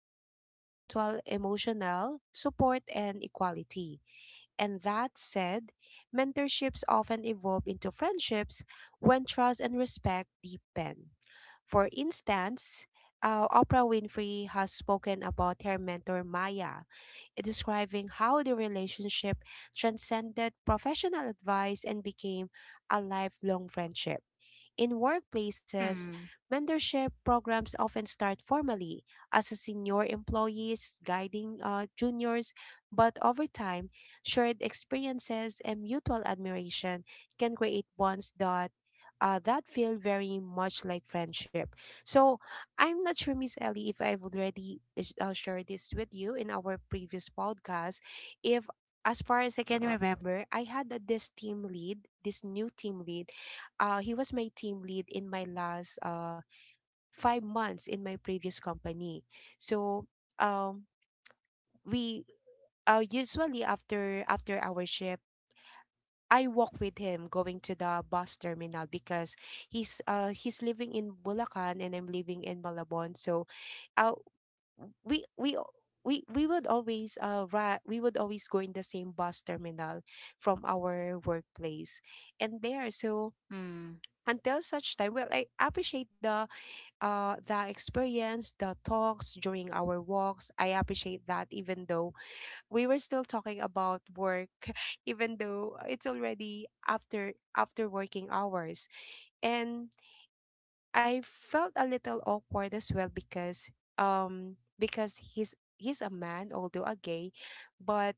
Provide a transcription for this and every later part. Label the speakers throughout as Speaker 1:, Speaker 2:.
Speaker 1: is based on mutual emotional support and equality. And that said, mentorships often evolve into friendships when trust and respect deepen. For instance, Oprah Winfrey has spoken about her mentor Maya, describing how the relationship transcended professional advice and became a lifelong friendship. In workplaces,
Speaker 2: Mm,
Speaker 1: mentorship programs often start formally as a senior employees guiding juniors, but over time, shared experiences and mutual admiration can create bonds that that feel very much like friendship. So I'm not sure, Miss Ellie, if I've already shared this with you in our previous podcast. If as far as I can remember, I had a, this team lead, this new team lead he was my team lead in my last 5 months in my previous company. So um, we usually after our shift, I walk with him going to the bus terminal because he's living in Bulacan and I'm living in Malabon. So uh, we we. we would always we would always go in the same bus terminal from our workplace and there so
Speaker 2: mm,
Speaker 1: until such time, well, I appreciate the experience, the talks during our walks. I appreciate that, even though we were still talking about work, even though it's already after working hours. And I felt a little awkward as well because he's a man, although a gay, but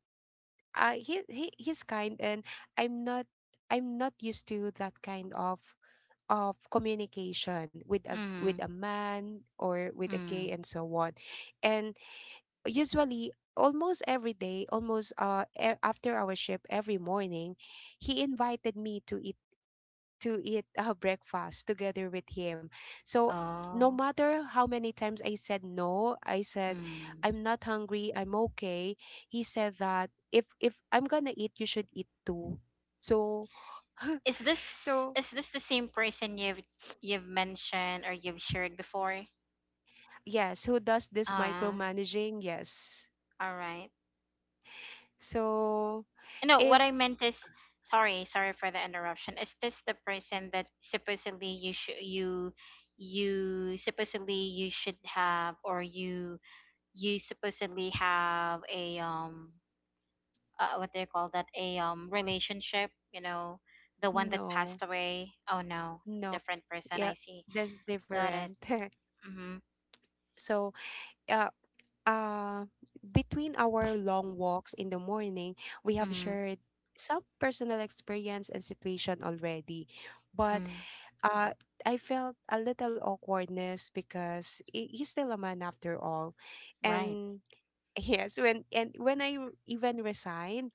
Speaker 1: he's kind, and I'm not I'm not used to that kind of communication with
Speaker 2: mm,
Speaker 1: a man or with a gay
Speaker 2: mm.
Speaker 1: and so on. And usually almost every day, almost after our shift every morning he invited me to eat breakfast together with him. So no
Speaker 2: Oh.
Speaker 1: matter how many times I said no, I said
Speaker 2: Mm.
Speaker 1: I'm not hungry, I'm okay. He said that if I'm gonna eat, you should eat too. So
Speaker 2: Is this
Speaker 1: so
Speaker 2: is this the same person you've mentioned or you've shared before?
Speaker 1: yes, who does this
Speaker 2: Uh,
Speaker 1: micromanaging? Yes.
Speaker 2: all right.
Speaker 1: So
Speaker 2: No, what I
Speaker 1: if
Speaker 2: meant is sorry, sorry for the interruption. Is this the person that supposedly you should you supposedly you should have or you supposedly have a what do you call that, a relationship, you know, the one that passed
Speaker 1: no,
Speaker 2: away. Oh no,
Speaker 1: no,
Speaker 2: different person. I
Speaker 1: yeah,
Speaker 2: see.
Speaker 1: that's
Speaker 2: Got it.
Speaker 1: different.
Speaker 2: Mm-hmm.
Speaker 1: So uh, uh, between our long walks in the morning, we have
Speaker 2: mm-hmm.
Speaker 1: shared some personal experience and situation already, but
Speaker 2: Mm,
Speaker 1: uh, I felt a little awkwardness because he's still a man after all,
Speaker 2: right.
Speaker 1: and yes, when I even resigned,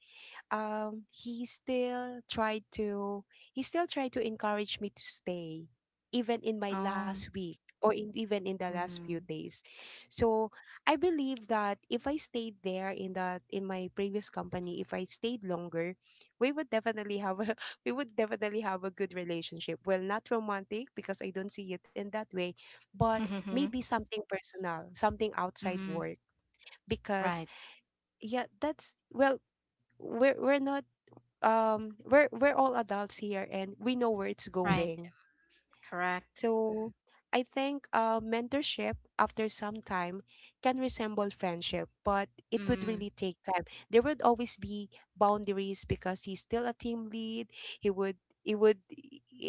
Speaker 1: he still tried to he still tried to encourage me to stay even in my last
Speaker 2: Um.
Speaker 1: week or in, even in the last few
Speaker 2: Mm,
Speaker 1: days. So I believe that if I stayed there in that in my previous company, if I stayed longer, we would definitely have a we would definitely have a good relationship, well, not romantic because I don't see it in that way, but maybe something personal, something outside
Speaker 2: mm-hmm.
Speaker 1: work. Because
Speaker 2: Right.
Speaker 1: yeah, that's, well, we're not we're we're all adults here and we know where it's
Speaker 2: Right.
Speaker 1: going.
Speaker 2: Correct.
Speaker 1: So I think mentorship after some time can resemble friendship, but it would
Speaker 2: Mm,
Speaker 1: really take time. There would always be boundaries because he's still a team lead. He would he would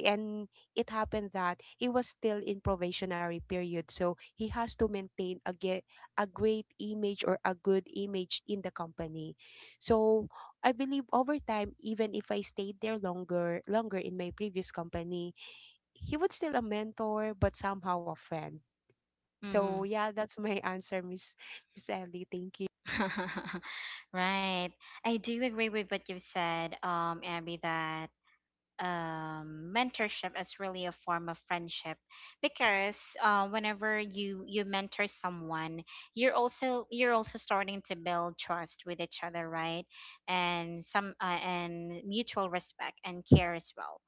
Speaker 1: and it happened that he was still in probationary period so he has to maintain a get a great image or a good image in the company. So I believe over time, even if I stayed there longer in my previous company, he was still a mentor, but somehow a friend. So
Speaker 2: mm-hmm.
Speaker 1: yeah, that's my answer, Miss Ellie. Thank you.
Speaker 2: Right. I do agree with what you've said, Abby, that mentorship is really a form of friendship because whenever you mentor someone, you're also starting to build trust with each other, right? And some and mutual respect and care as well.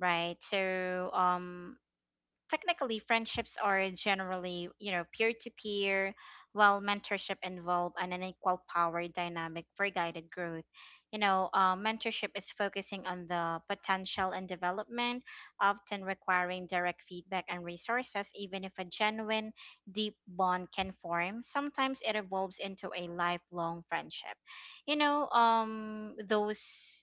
Speaker 2: Right. So, technically, friendships are generally, you know, peer to peer, while mentorship involve an unequal power dynamic for guided growth. You know, mentorship is focusing on the potential and development, often requiring direct feedback and resources, even if a genuine, deep bond can form. Sometimes it evolves into a lifelong friendship. You know, those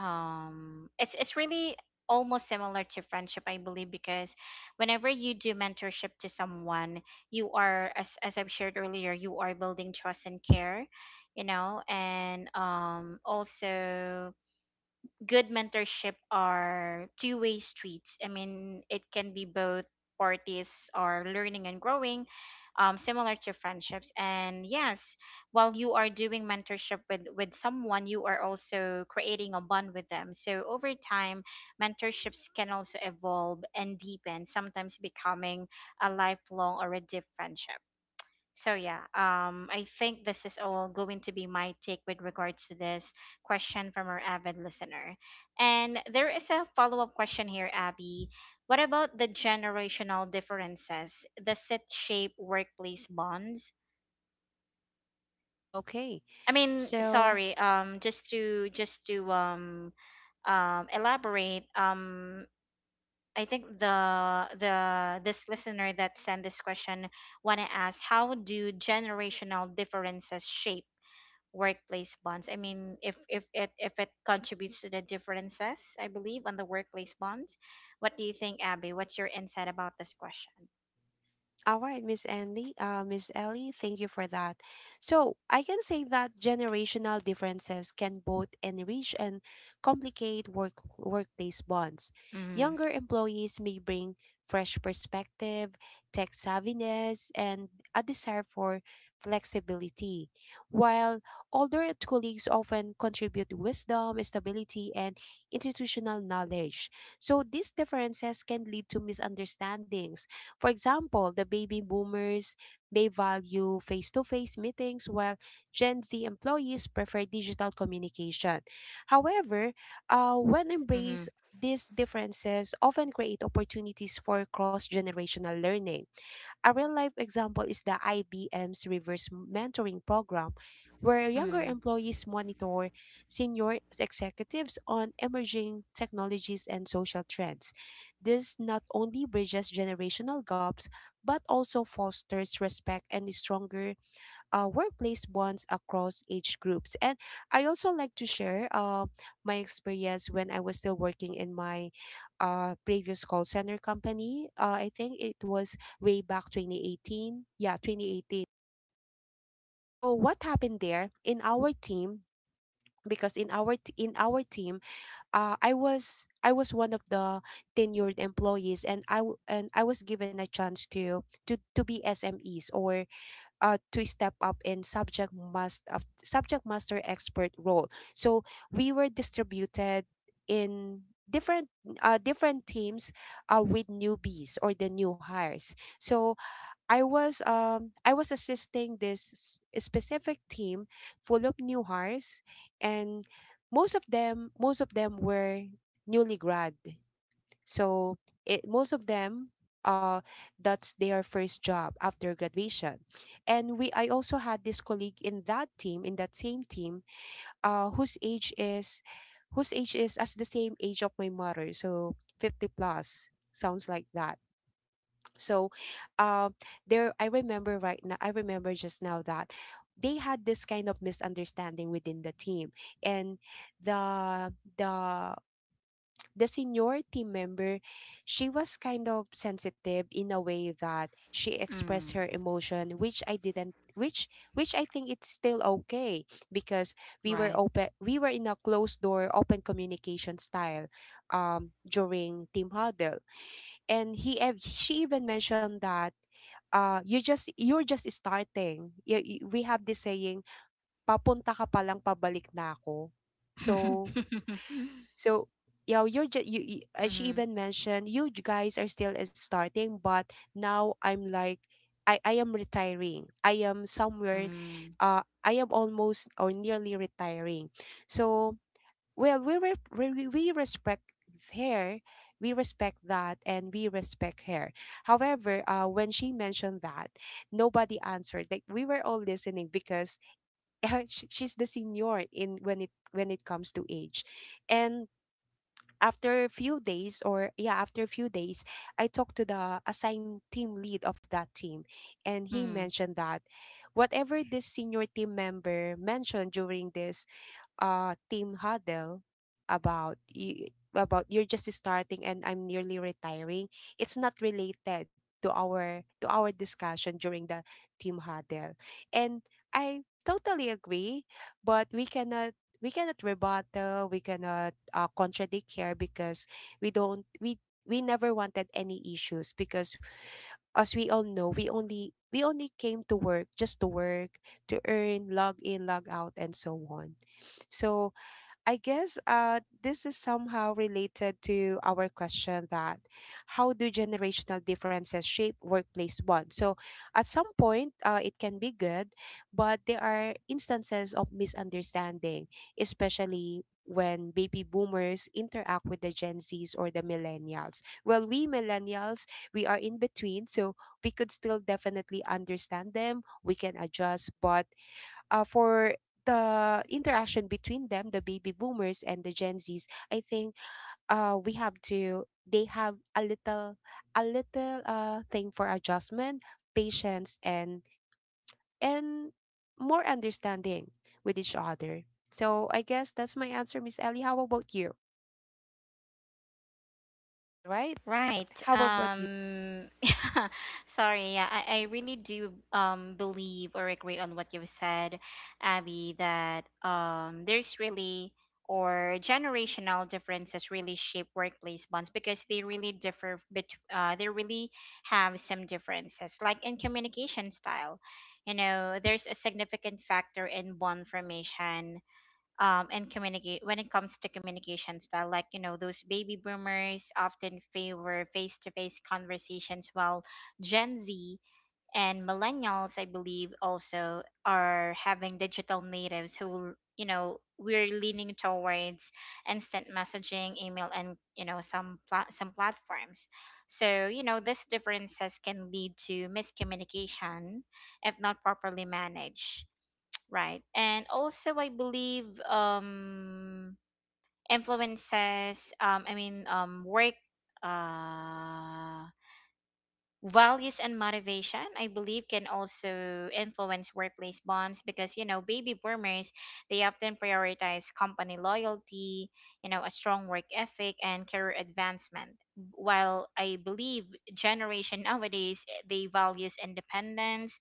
Speaker 2: it's really almost similar to friendship, I believe, because whenever you do mentorship to someone, you are, as I've shared earlier, you are building trust and care, you know, and also good mentorship are two-way streets. I mean, it can be both parties are learning and growing, similar to friendships. And yes, while you are doing mentorship with someone, you are also creating a bond with them. So over time, mentorships can also evolve and deepen, sometimes becoming a lifelong or a deep friendship. So yeah, I think this is all going to be my take with regards to this question from our avid listener. And there is a follow-up question here, Abby. What about the generational differences? Does it shape workplace bonds?
Speaker 1: Okay,
Speaker 2: I mean,
Speaker 1: so.
Speaker 2: sorry, just to elaborate, I think the this listener that sent this question want to ask how do generational differences shape workplace bonds. I mean, if if it contributes to the differences, I believe, on the workplace bonds. What do you think, Abby? What's your insight about this question?
Speaker 1: All right, Miss Andy, Miss Ellie, thank you for that. So I can say that generational differences can both enrich and complicate workplace bonds.
Speaker 2: Mm,
Speaker 1: Younger employees may bring fresh perspective, tech savviness, and a desire for flexibility, while older colleagues often contribute wisdom, stability, and institutional knowledge. So these differences can lead to misunderstandings. For example, the baby boomers may value face to face meetings while Gen Z employees prefer digital communication. However, when
Speaker 2: mm-hmm,
Speaker 1: embraced, these differences often create opportunities for cross generational learning. A real life example is the IBM's reverse mentoring program, where younger
Speaker 2: mm,
Speaker 1: employees monitor senior executives on emerging technologies and social trends. This not only bridges generational gaps, but also fosters respect and a stronger workplace bonds across age groups. And I also like to share my experience when I was still working in my previous call center company. I think it was way back 2018. Yeah, 2018. So what happened there in our team? Because in our in our team, uh, I was one of the tenured employees, and and I was given a chance to to be SMEs or to step up in subject master expert role. So we were distributed in different different teams with newbies or the new hires. So I was assisting this specific team full of new hires, and most of them were newly grad, so it most of them uh that's their first job after graduation. And we I also had this colleague in that team, in that same team, uh whose age is whose age is as the same age of my mother. So 50 plus sounds like that. So uh, there I remember right now, I remember just now that they had this kind of misunderstanding within the team, and the the the senior team member, she was kind of sensitive in a way that she
Speaker 2: mm,
Speaker 1: expressed her emotion, which I didn't which I think it's still okay because we were
Speaker 2: right.
Speaker 1: open, we were in a closed door open communication style during team huddle. And she even mentioned that you just you're just starting. We have this saying, papunta ka pa lang pabalik na ako. So
Speaker 2: mm-hmm,
Speaker 1: so, yeah, you're just She
Speaker 2: mm-hmm,
Speaker 1: even mentioned you guys are still is starting, but now I'm like, I am retiring. I am somewhere,
Speaker 2: mm-hmm.
Speaker 1: I am almost or nearly retiring. So, well, we respect her, we respect that, and we respect her. However, when she mentioned that, nobody answered. Like we were all listening because she's the senior in when it comes to age, and after a few days or yeah after a few days I talked to the assigned team lead of that team, and he mentioned that whatever this senior team member mentioned during this team huddle about you about you're just starting and I'm nearly retiring, it's not related to our discussion during the team huddle. And I totally agree, but we cannot rebuttal, we cannot contradict here because we don't we never wanted any issues because as we all know, we only came to work just to work, to earn, log in, log out and so on. So I guess this is somehow related to our question that how do generational differences shape workplace bonds? So at some point, it can be good, but there are instances of misunderstanding, especially when baby boomers interact with the Gen Zs or the millennials. Well, we millennials, we are in between, so we could still definitely understand them, we can adjust, but for the interaction between them, the baby boomers and the Gen Zs, I think they have a little, a little thing for adjustment, patience, and more understanding with each other. So I guess that's my answer, Miss Ellie. How about you? All right.
Speaker 2: Right.
Speaker 1: How about you?
Speaker 2: Sorry. Yeah, I really do believe or agree on what you've said, Abby, that there's really or generational differences really shape workplace bonds because they really differ bet they really have some differences like in communication style. You know, there's a significant factor in bond formation, and communicate when it comes to communication style, like, you know, those baby boomers often favor face-to-face conversations while Gen Z and millennials, I believe, also are having digital natives who, you know, we're leaning towards instant messaging, email, and you know, some platforms. So you know these differences can lead to miscommunication if not properly managed. Right. And also I believe influences I mean work uh values and motivation, I believe, can also influence workplace bonds because you know baby boomers, they often prioritize company loyalty, you know, a strong work ethic and career advancement. While I believe generation nowadays, they values independence,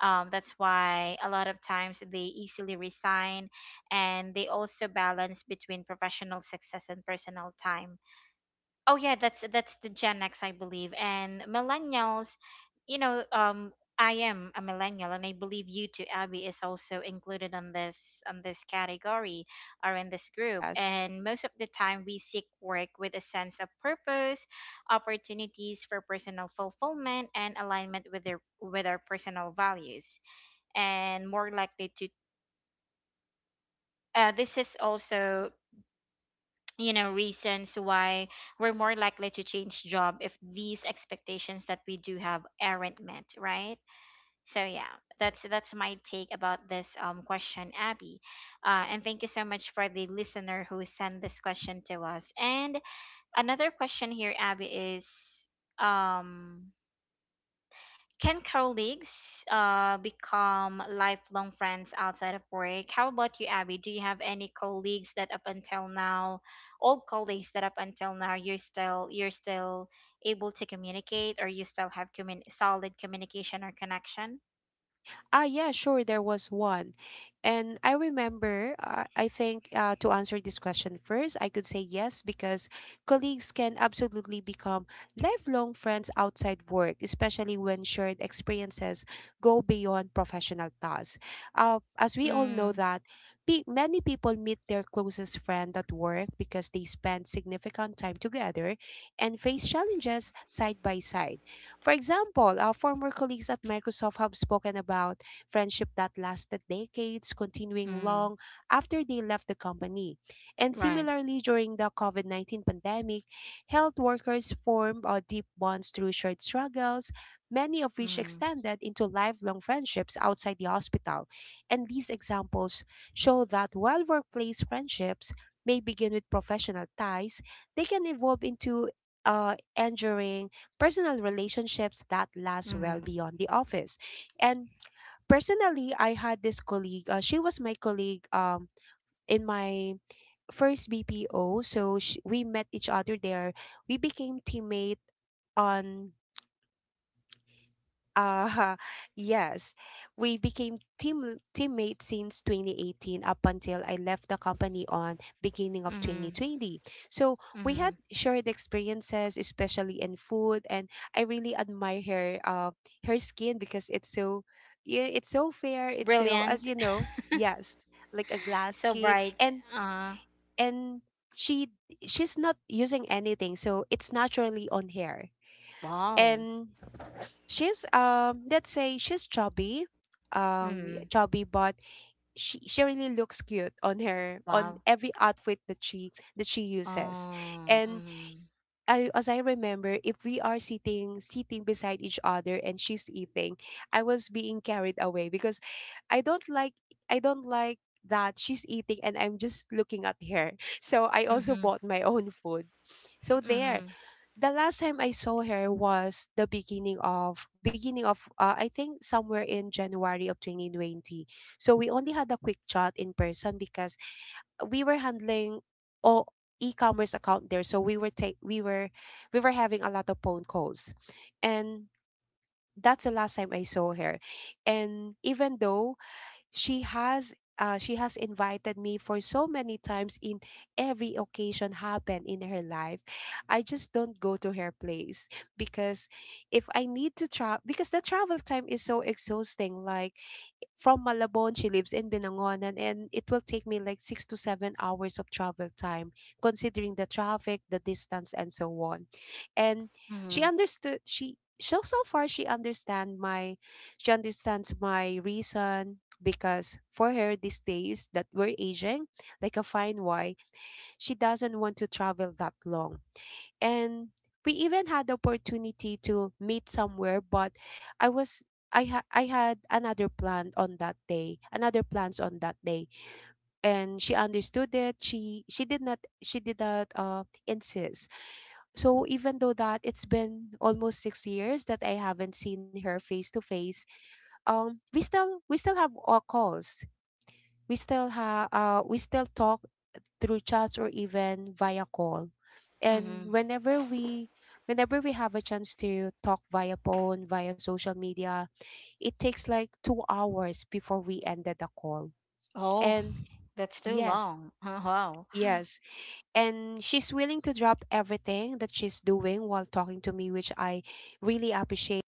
Speaker 2: that's why a lot of times they easily resign, and they also balance between professional success and personal time. Oh yeah, that's the Gen X, I believe. And millennials, you know, I am a millennial, and I believe you too, Abby, is also included on this category or in this group.
Speaker 1: Yes.
Speaker 2: And most of the time we seek work with a sense of purpose, opportunities for personal fulfillment, and alignment with their with our personal values, and more likely to this is also, you know, reasons why we're more likely to change job if these expectations that we do have aren't met, right? So yeah, that's my take about this question, Abby. And thank you so much for the listener who sent this question to us. And another question here, Abby, is um can colleagues become lifelong friends outside of work? How about you, Abby? Do you have any colleagues that up until now, old colleagues that up until now you're still able to communicate, or you still have solid communication or connection?
Speaker 1: Ah, yeah, sure. There was one. And I remember, I think to answer this question first, I could say yes because colleagues can absolutely become lifelong friends outside work, especially when shared experiences go beyond professional tasks. As we all know
Speaker 2: Mm,
Speaker 1: that many people meet their closest friend at work because they spend significant time together and face challenges side by side. For example, our former colleagues at Microsoft have spoken about friendship that lasted decades, continuing
Speaker 2: mm,
Speaker 1: long after they left the company. And
Speaker 2: right.
Speaker 1: similarly, during the COVID 19 pandemic, health workers formed deep bonds through shared struggles, many of which
Speaker 2: Mm,
Speaker 1: extended into lifelong friendships outside the hospital. And these examples show that while workplace friendships may begin with professional ties, they can evolve into enduring personal relationships that last well
Speaker 2: mm,
Speaker 1: beyond the office. And personally, I had this colleague. She was my colleague in my first BPO. So sh we met each other there. We became teammate on uh, yes, we became teammates since 2018 up until I left the company on beginning of
Speaker 2: mm,
Speaker 1: 2020. So we had
Speaker 2: mm.
Speaker 1: shared experiences, especially in food, and I really admire her skin because it's so yeah, it's so fair. It's so, as
Speaker 2: Brilliant.
Speaker 1: you know, yes, like a glass
Speaker 2: So
Speaker 1: skin,
Speaker 2: bright.
Speaker 1: and
Speaker 2: Uh,
Speaker 1: and she she's not using anything, so it's naturally on hair.
Speaker 2: wow.
Speaker 1: And she's, let's say, she's chubby, yeah,
Speaker 2: Mm,
Speaker 1: chubby, but she really looks cute on her on
Speaker 2: wow.
Speaker 1: every outfit that she uses.
Speaker 2: Oh,
Speaker 1: And
Speaker 2: mm,
Speaker 1: as I remember, if we are sitting beside each other and she's eating, I was being carried away because i don't like I don't like that she's eating and I'm just looking at her. So I also
Speaker 2: mm,
Speaker 1: bought my own food. So there,
Speaker 2: mm,
Speaker 1: the last time I saw her was the beginning of beginning of, I think, somewhere in January of 2020. So we only had a quick chat in person because we were handling all e-commerce account there. So we were having a lot of phone calls, and that's the last time I saw her. And even though she has she has invited me for so many times in every occasion happened in her life, I just don't go to her place because if I need to travel, because the travel time is so exhausting, like from Malabon. She lives in Binangonan, and it will take me like 6 to 7 hours of travel time, considering the traffic, the distance, and so on. And she
Speaker 2: mm.
Speaker 1: understood. She so So far, she she understands my reason, because for her, these days that we're aging like a fine wine, she doesn't want to travel that long. And we even had the opportunity to meet somewhere, but i was I had another plans on that day. And she understood it. She did not insist. So even though that it's been almost 6 years that I haven't seen her face to face, we still have our calls, we still talk through chats or even via call. And
Speaker 2: Mm-hmm.
Speaker 1: whenever we have a chance to talk via phone, via social media, it takes like 2 hours before we ended the call.
Speaker 2: Oh,
Speaker 1: And
Speaker 2: that's too
Speaker 1: yes,
Speaker 2: long. wow.
Speaker 1: yes, and she's willing to drop everything that she's doing while talking to me, which I really appreciate.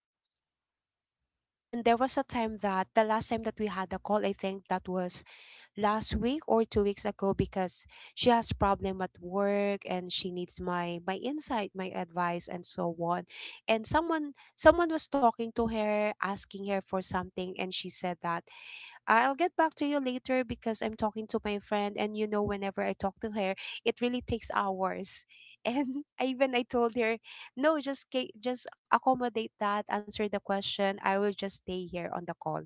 Speaker 1: And there was a time that the last time that we had a call, I think that was last week or 2 weeks ago, because she has problem at work and she needs my insight, my advice, and so on. And someone was talking to her, asking her for something, and she said that, "I'll get back to you later because I'm talking to my friend, and you know whenever I talk to her, it really takes hours." And I told her, "No, just accommodate that, answer the question. I will just stay here on the call."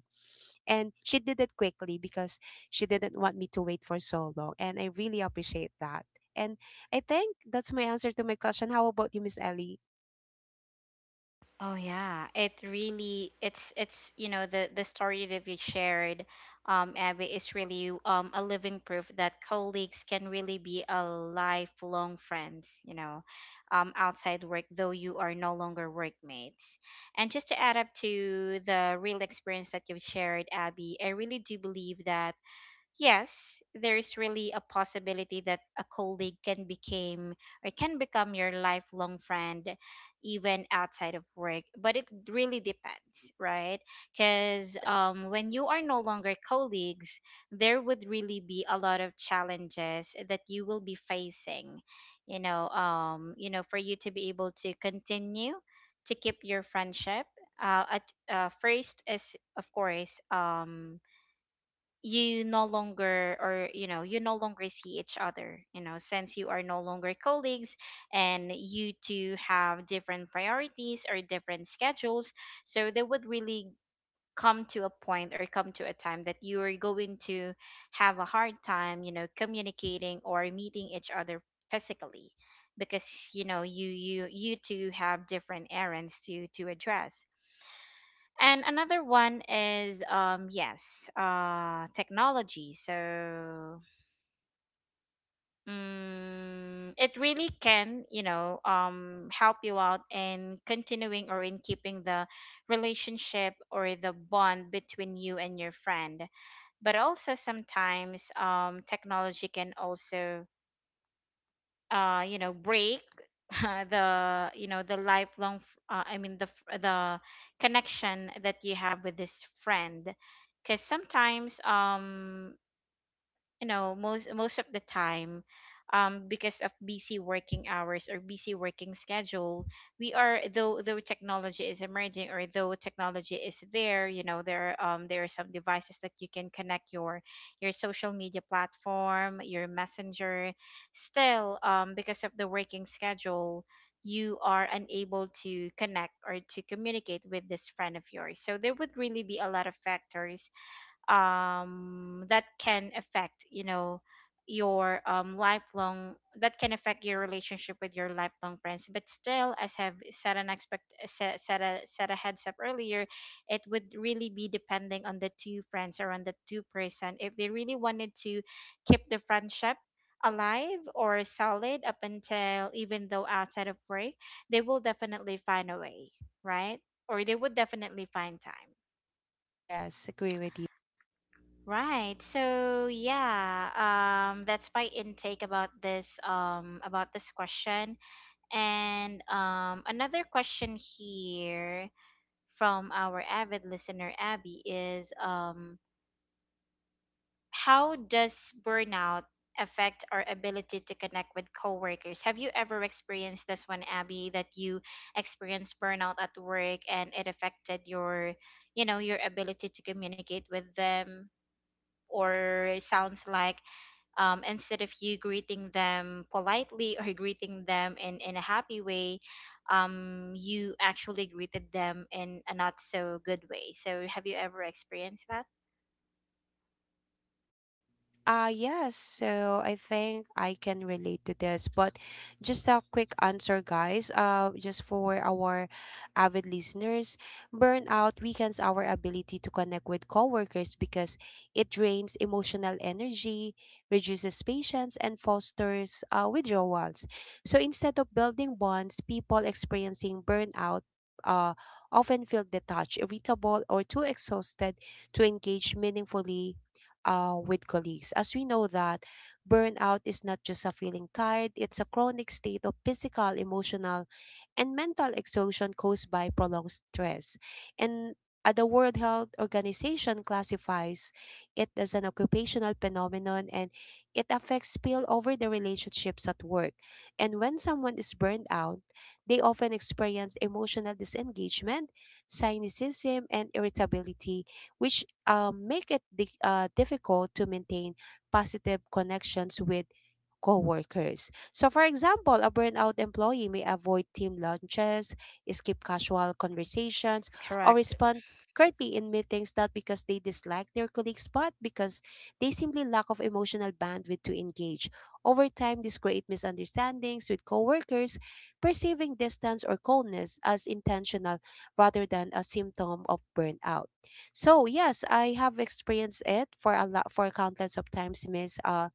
Speaker 1: And she did it quickly because she didn't want me to wait for so long, and I really appreciate that. And I think that's my answer to my question. How about you, Miss Ellie?
Speaker 2: Oh yeah, it really it's you know the story that we shared, Abby, is really a living proof that colleagues can really be a lifelong friends. You know, outside work though you are no longer workmates. And just to add up to the real experience that you've shared, Abby, I really do believe that yes, there is really a possibility that a colleague can become or can become your lifelong friend even outside of work, but it really depends, right? Cuz when you are no longer colleagues, there would really be a lot of challenges that you will be facing, you know, you know, for you to be able to continue to keep your friendship. At First is of course you no longer, or you know, you no longer see each other, you know, since you are no longer colleagues, and you two have different priorities or different schedules, so they would really come to a point or come to a time that you are going to have a hard time, you know, communicating or meeting each other physically because you know you two have different errands to address. And another one is, yes, technology. So it really can, you know, help you out in continuing or in keeping the relationship or the bond between you and your friend. But also sometimes technology can also you know break the you know the I mean the connection that you have with this friend because sometimes you know most of the time because of busy working hours or busy working schedule, we are, though technology is emerging, or though technology is there, you know, there are some devices that you can connect your social media platform, your messenger, still because of the working schedule, you are unable to connect or to communicate with this friend of yours, so there would really be a lot of factors, that can affect you know your lifelong that can affect your relationship with your lifelong friends. But still, as have said an expect set, set a heads up earlier, it would really be depending on the two friends or on the two-person if they really wanted to keep the friendship alive or solid up until even though outside of work, they will definitely find a way, right? Or they would definitely find time.
Speaker 1: Yes, agree with you.
Speaker 2: Right. So yeah, that's my intake about this question. And another question here from our avid listener, Abby, is how does burnout affect our ability to connect with coworkers? Have you ever experienced this one, Abby, that you experienced burnout at work, and it affected your, you know, your ability to communicate with them? Or it sounds like instead of you greeting them politely or greeting them in a happy way, you actually greeted them in a not so good way. So, have you ever experienced that?
Speaker 1: Yes, so I think I can relate to this, but just a quick answer, guys. Just for our avid listeners, burnout weakens our ability to connect with coworkers because it drains emotional energy, reduces patience, and fosters withdrawals. So instead of building bonds, people experiencing burnout uh, often feel detached, irritable, or too exhausted to engage meaningfully with colleagues, as we know that burnout is not just a feeling tired, it's a chronic state of physical, emotional, and mental exhaustion caused by prolonged stress. And the World Health Organization classifies it as an occupational phenomenon, and it affects spill over the relationships at work. And when someone is burned out, they often experience emotional disengagement, cynicism, and irritability, which make it difficult to maintain positive connections with coworkers. So, for example, a burnout employee may avoid team lunches, skip casual conversations, or
Speaker 2: Correct.
Speaker 1: respond curtly in meetings, not because they dislike their colleagues, but because they simply lack of emotional bandwidth to engage. Over time, this creates misunderstandings with coworkers, perceiving distance or coldness as intentional rather than a symptom of burnout. So yes, I have experienced it for a lot for countless of times, Miss uh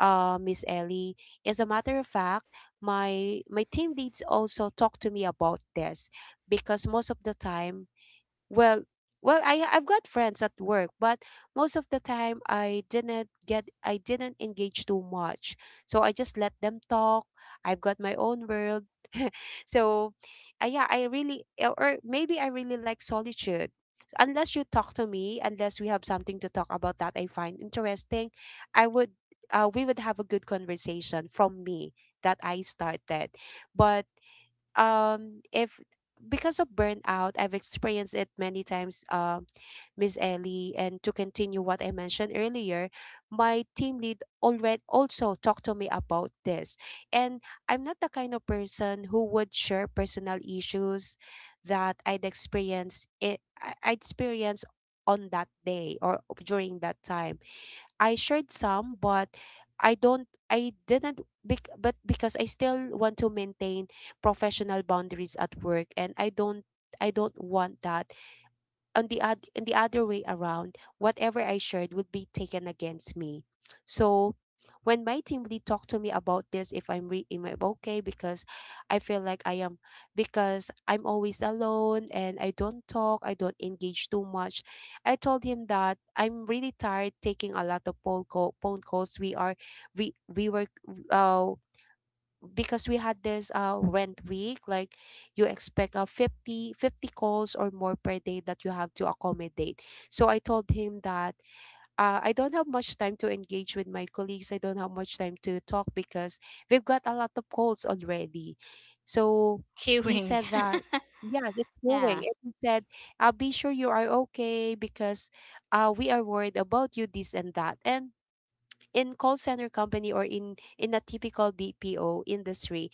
Speaker 1: uh Miss Ellie. As a matter of fact, my team leads also talk to me about this, because most of the time, well, well, I've got friends at work, but most of the time I didn't engage too much. So I just let them talk. I've got my own world. So, yeah, I really or maybe I really like solitude. So, unless you talk to me, unless we have something to talk about that I find interesting, I would we would have a good conversation from me that I started. But if because of burnout, I've experienced it many times, Miss Ellie, and to continue what I mentioned earlier, my team lead already also talked to me about this. And I'm not the kind of person who would share personal issues that I I'd experience on that day or during that time. I shared some, but because I still want to maintain professional boundaries at work, and I don't want that, on the other way around, whatever I shared would be taken against me. So when my team lead talked to me about this, if I'm re- am I okay? Because I feel like I am, because I'm always alone and I don't talk, I don't engage too much. I told him that I'm really tired taking a lot of phone calls. We were, uh because we had this rent week, like you expect 50 50 calls or more per day that you have to accommodate. So I told him that, I don't have much time to engage with my colleagues, I don't have much time to talk, because we've got a lot of calls already. So he
Speaker 2: Queuing.
Speaker 1: said that, "Yes, it's going,"
Speaker 2: Yeah.
Speaker 1: and he said, "I'll be sure you are okay because, we are worried about you, this and that." And in call center company, or in a typical BPO industry,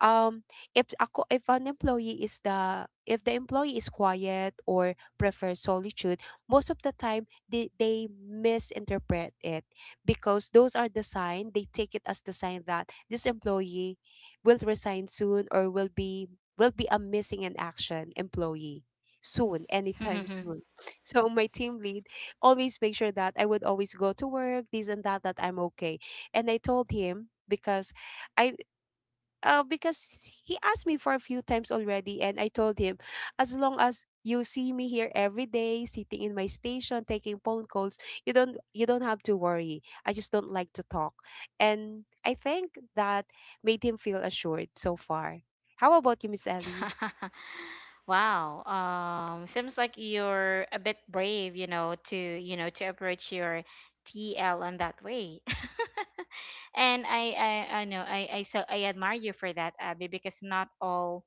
Speaker 1: um, if ako, if an employee is the if the employee is quiet or prefers solitude, most of the time they misinterpret it, because those are the sign, they take it as the sign that this employee will resign soon, or will be a missing in action employee soon, anytime soon. So my team lead always make sure that I would always go to work, this and that, that I'm okay. And I told him, because I because he asked me for a few times already, and I told him, "As long as you see me here every day sitting in my station taking phone calls, you don't have to worry, I just don't like to talk." And I think that made him feel assured so far. How about you, Miss Ellie?
Speaker 2: Wow. Seems like you're a bit brave, you know to approach your TL in that way. And I know I so I admire you for that, Abby, because not all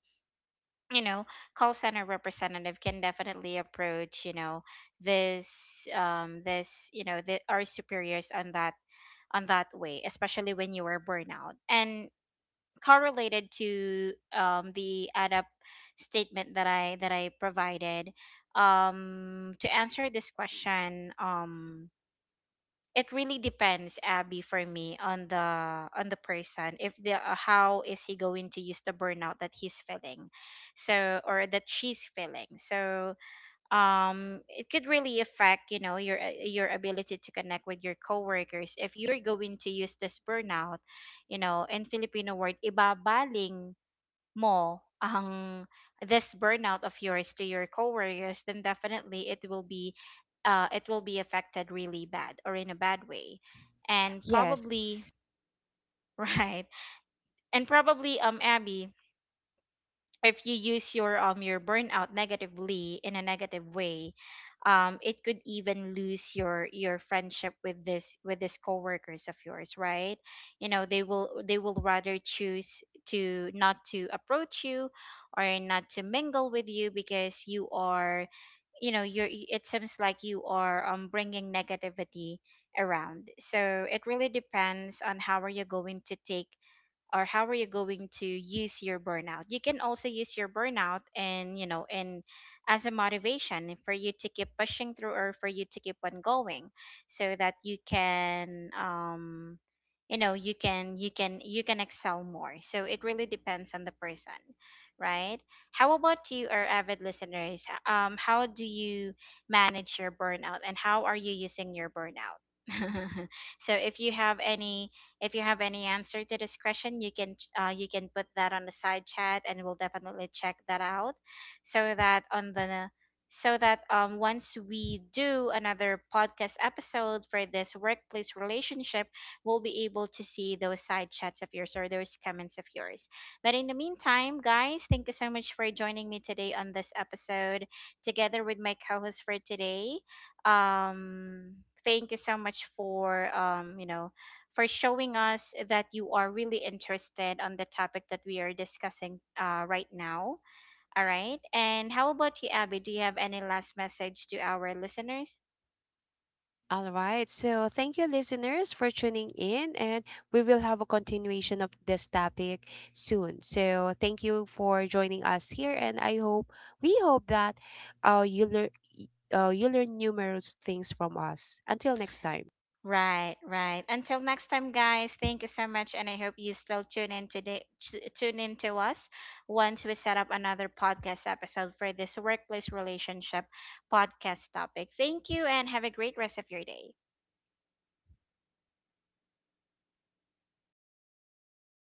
Speaker 2: you know call center representative can definitely approach, you know, this this, you know, the our superiors on that way, especially when you are burnout. And correlated to the add up statement that I that I provided to answer this question, it really depends, Abby, for me, on the person, if the how is he going to use the burnout that he's feeling so, or that she's feeling so, it could really affect, you know, your ability to connect with your coworkers. If you're going to use this burnout, you know, in Filipino word, ibabaling more this burnout of yours to your coworkers, then definitely it will be affected really bad or in a bad way, and
Speaker 1: Yes.
Speaker 2: probably right. And probably Abby, if you use your burnout negatively, in a negative way, it could even lose your friendship with this coworkers of yours, right? You know, they will rather choose to not to approach you or not to mingle with you because you are you know it seems like you are bringing negativity around. So it really depends on how are you going to take or how are you going to use your burnout. You can also use your burnout, and you know, and as a motivation for you to keep pushing through, or for you to keep on going so that you can you know you can you can excel more. So it really depends on the person, right? How about you, our avid listeners, how do you manage your burnout, and how are you using your burnout? So if you have any, if you have any answer to this question, you can you can put that on the side chat, and we'll definitely check that out, so that on the so that once we do another podcast episode for this workplace relationship, we'll be able to see those side chats of yours or those comments of yours. But in the meantime, guys, thank you so much for joining me today on this episode, together with my co-host for today. Thank you so much for you know, for showing us that you are really interested on the topic that we are discussing right now. All right. And how about you, Abby? Do you have any last message to our listeners?
Speaker 1: All right. So thank you, listeners, for tuning in, and we will have a continuation of this topic soon. So thank you for joining us here, and I hope we hope that, uh, you learn you learn numerous things from us. Until next time.
Speaker 2: Right, right. Until next time, guys. Thank you so much, and I hope you still tune in today. Tune in to us once we set up another podcast episode for this workplace relationship podcast topic. Thank you, and have a great rest of your day.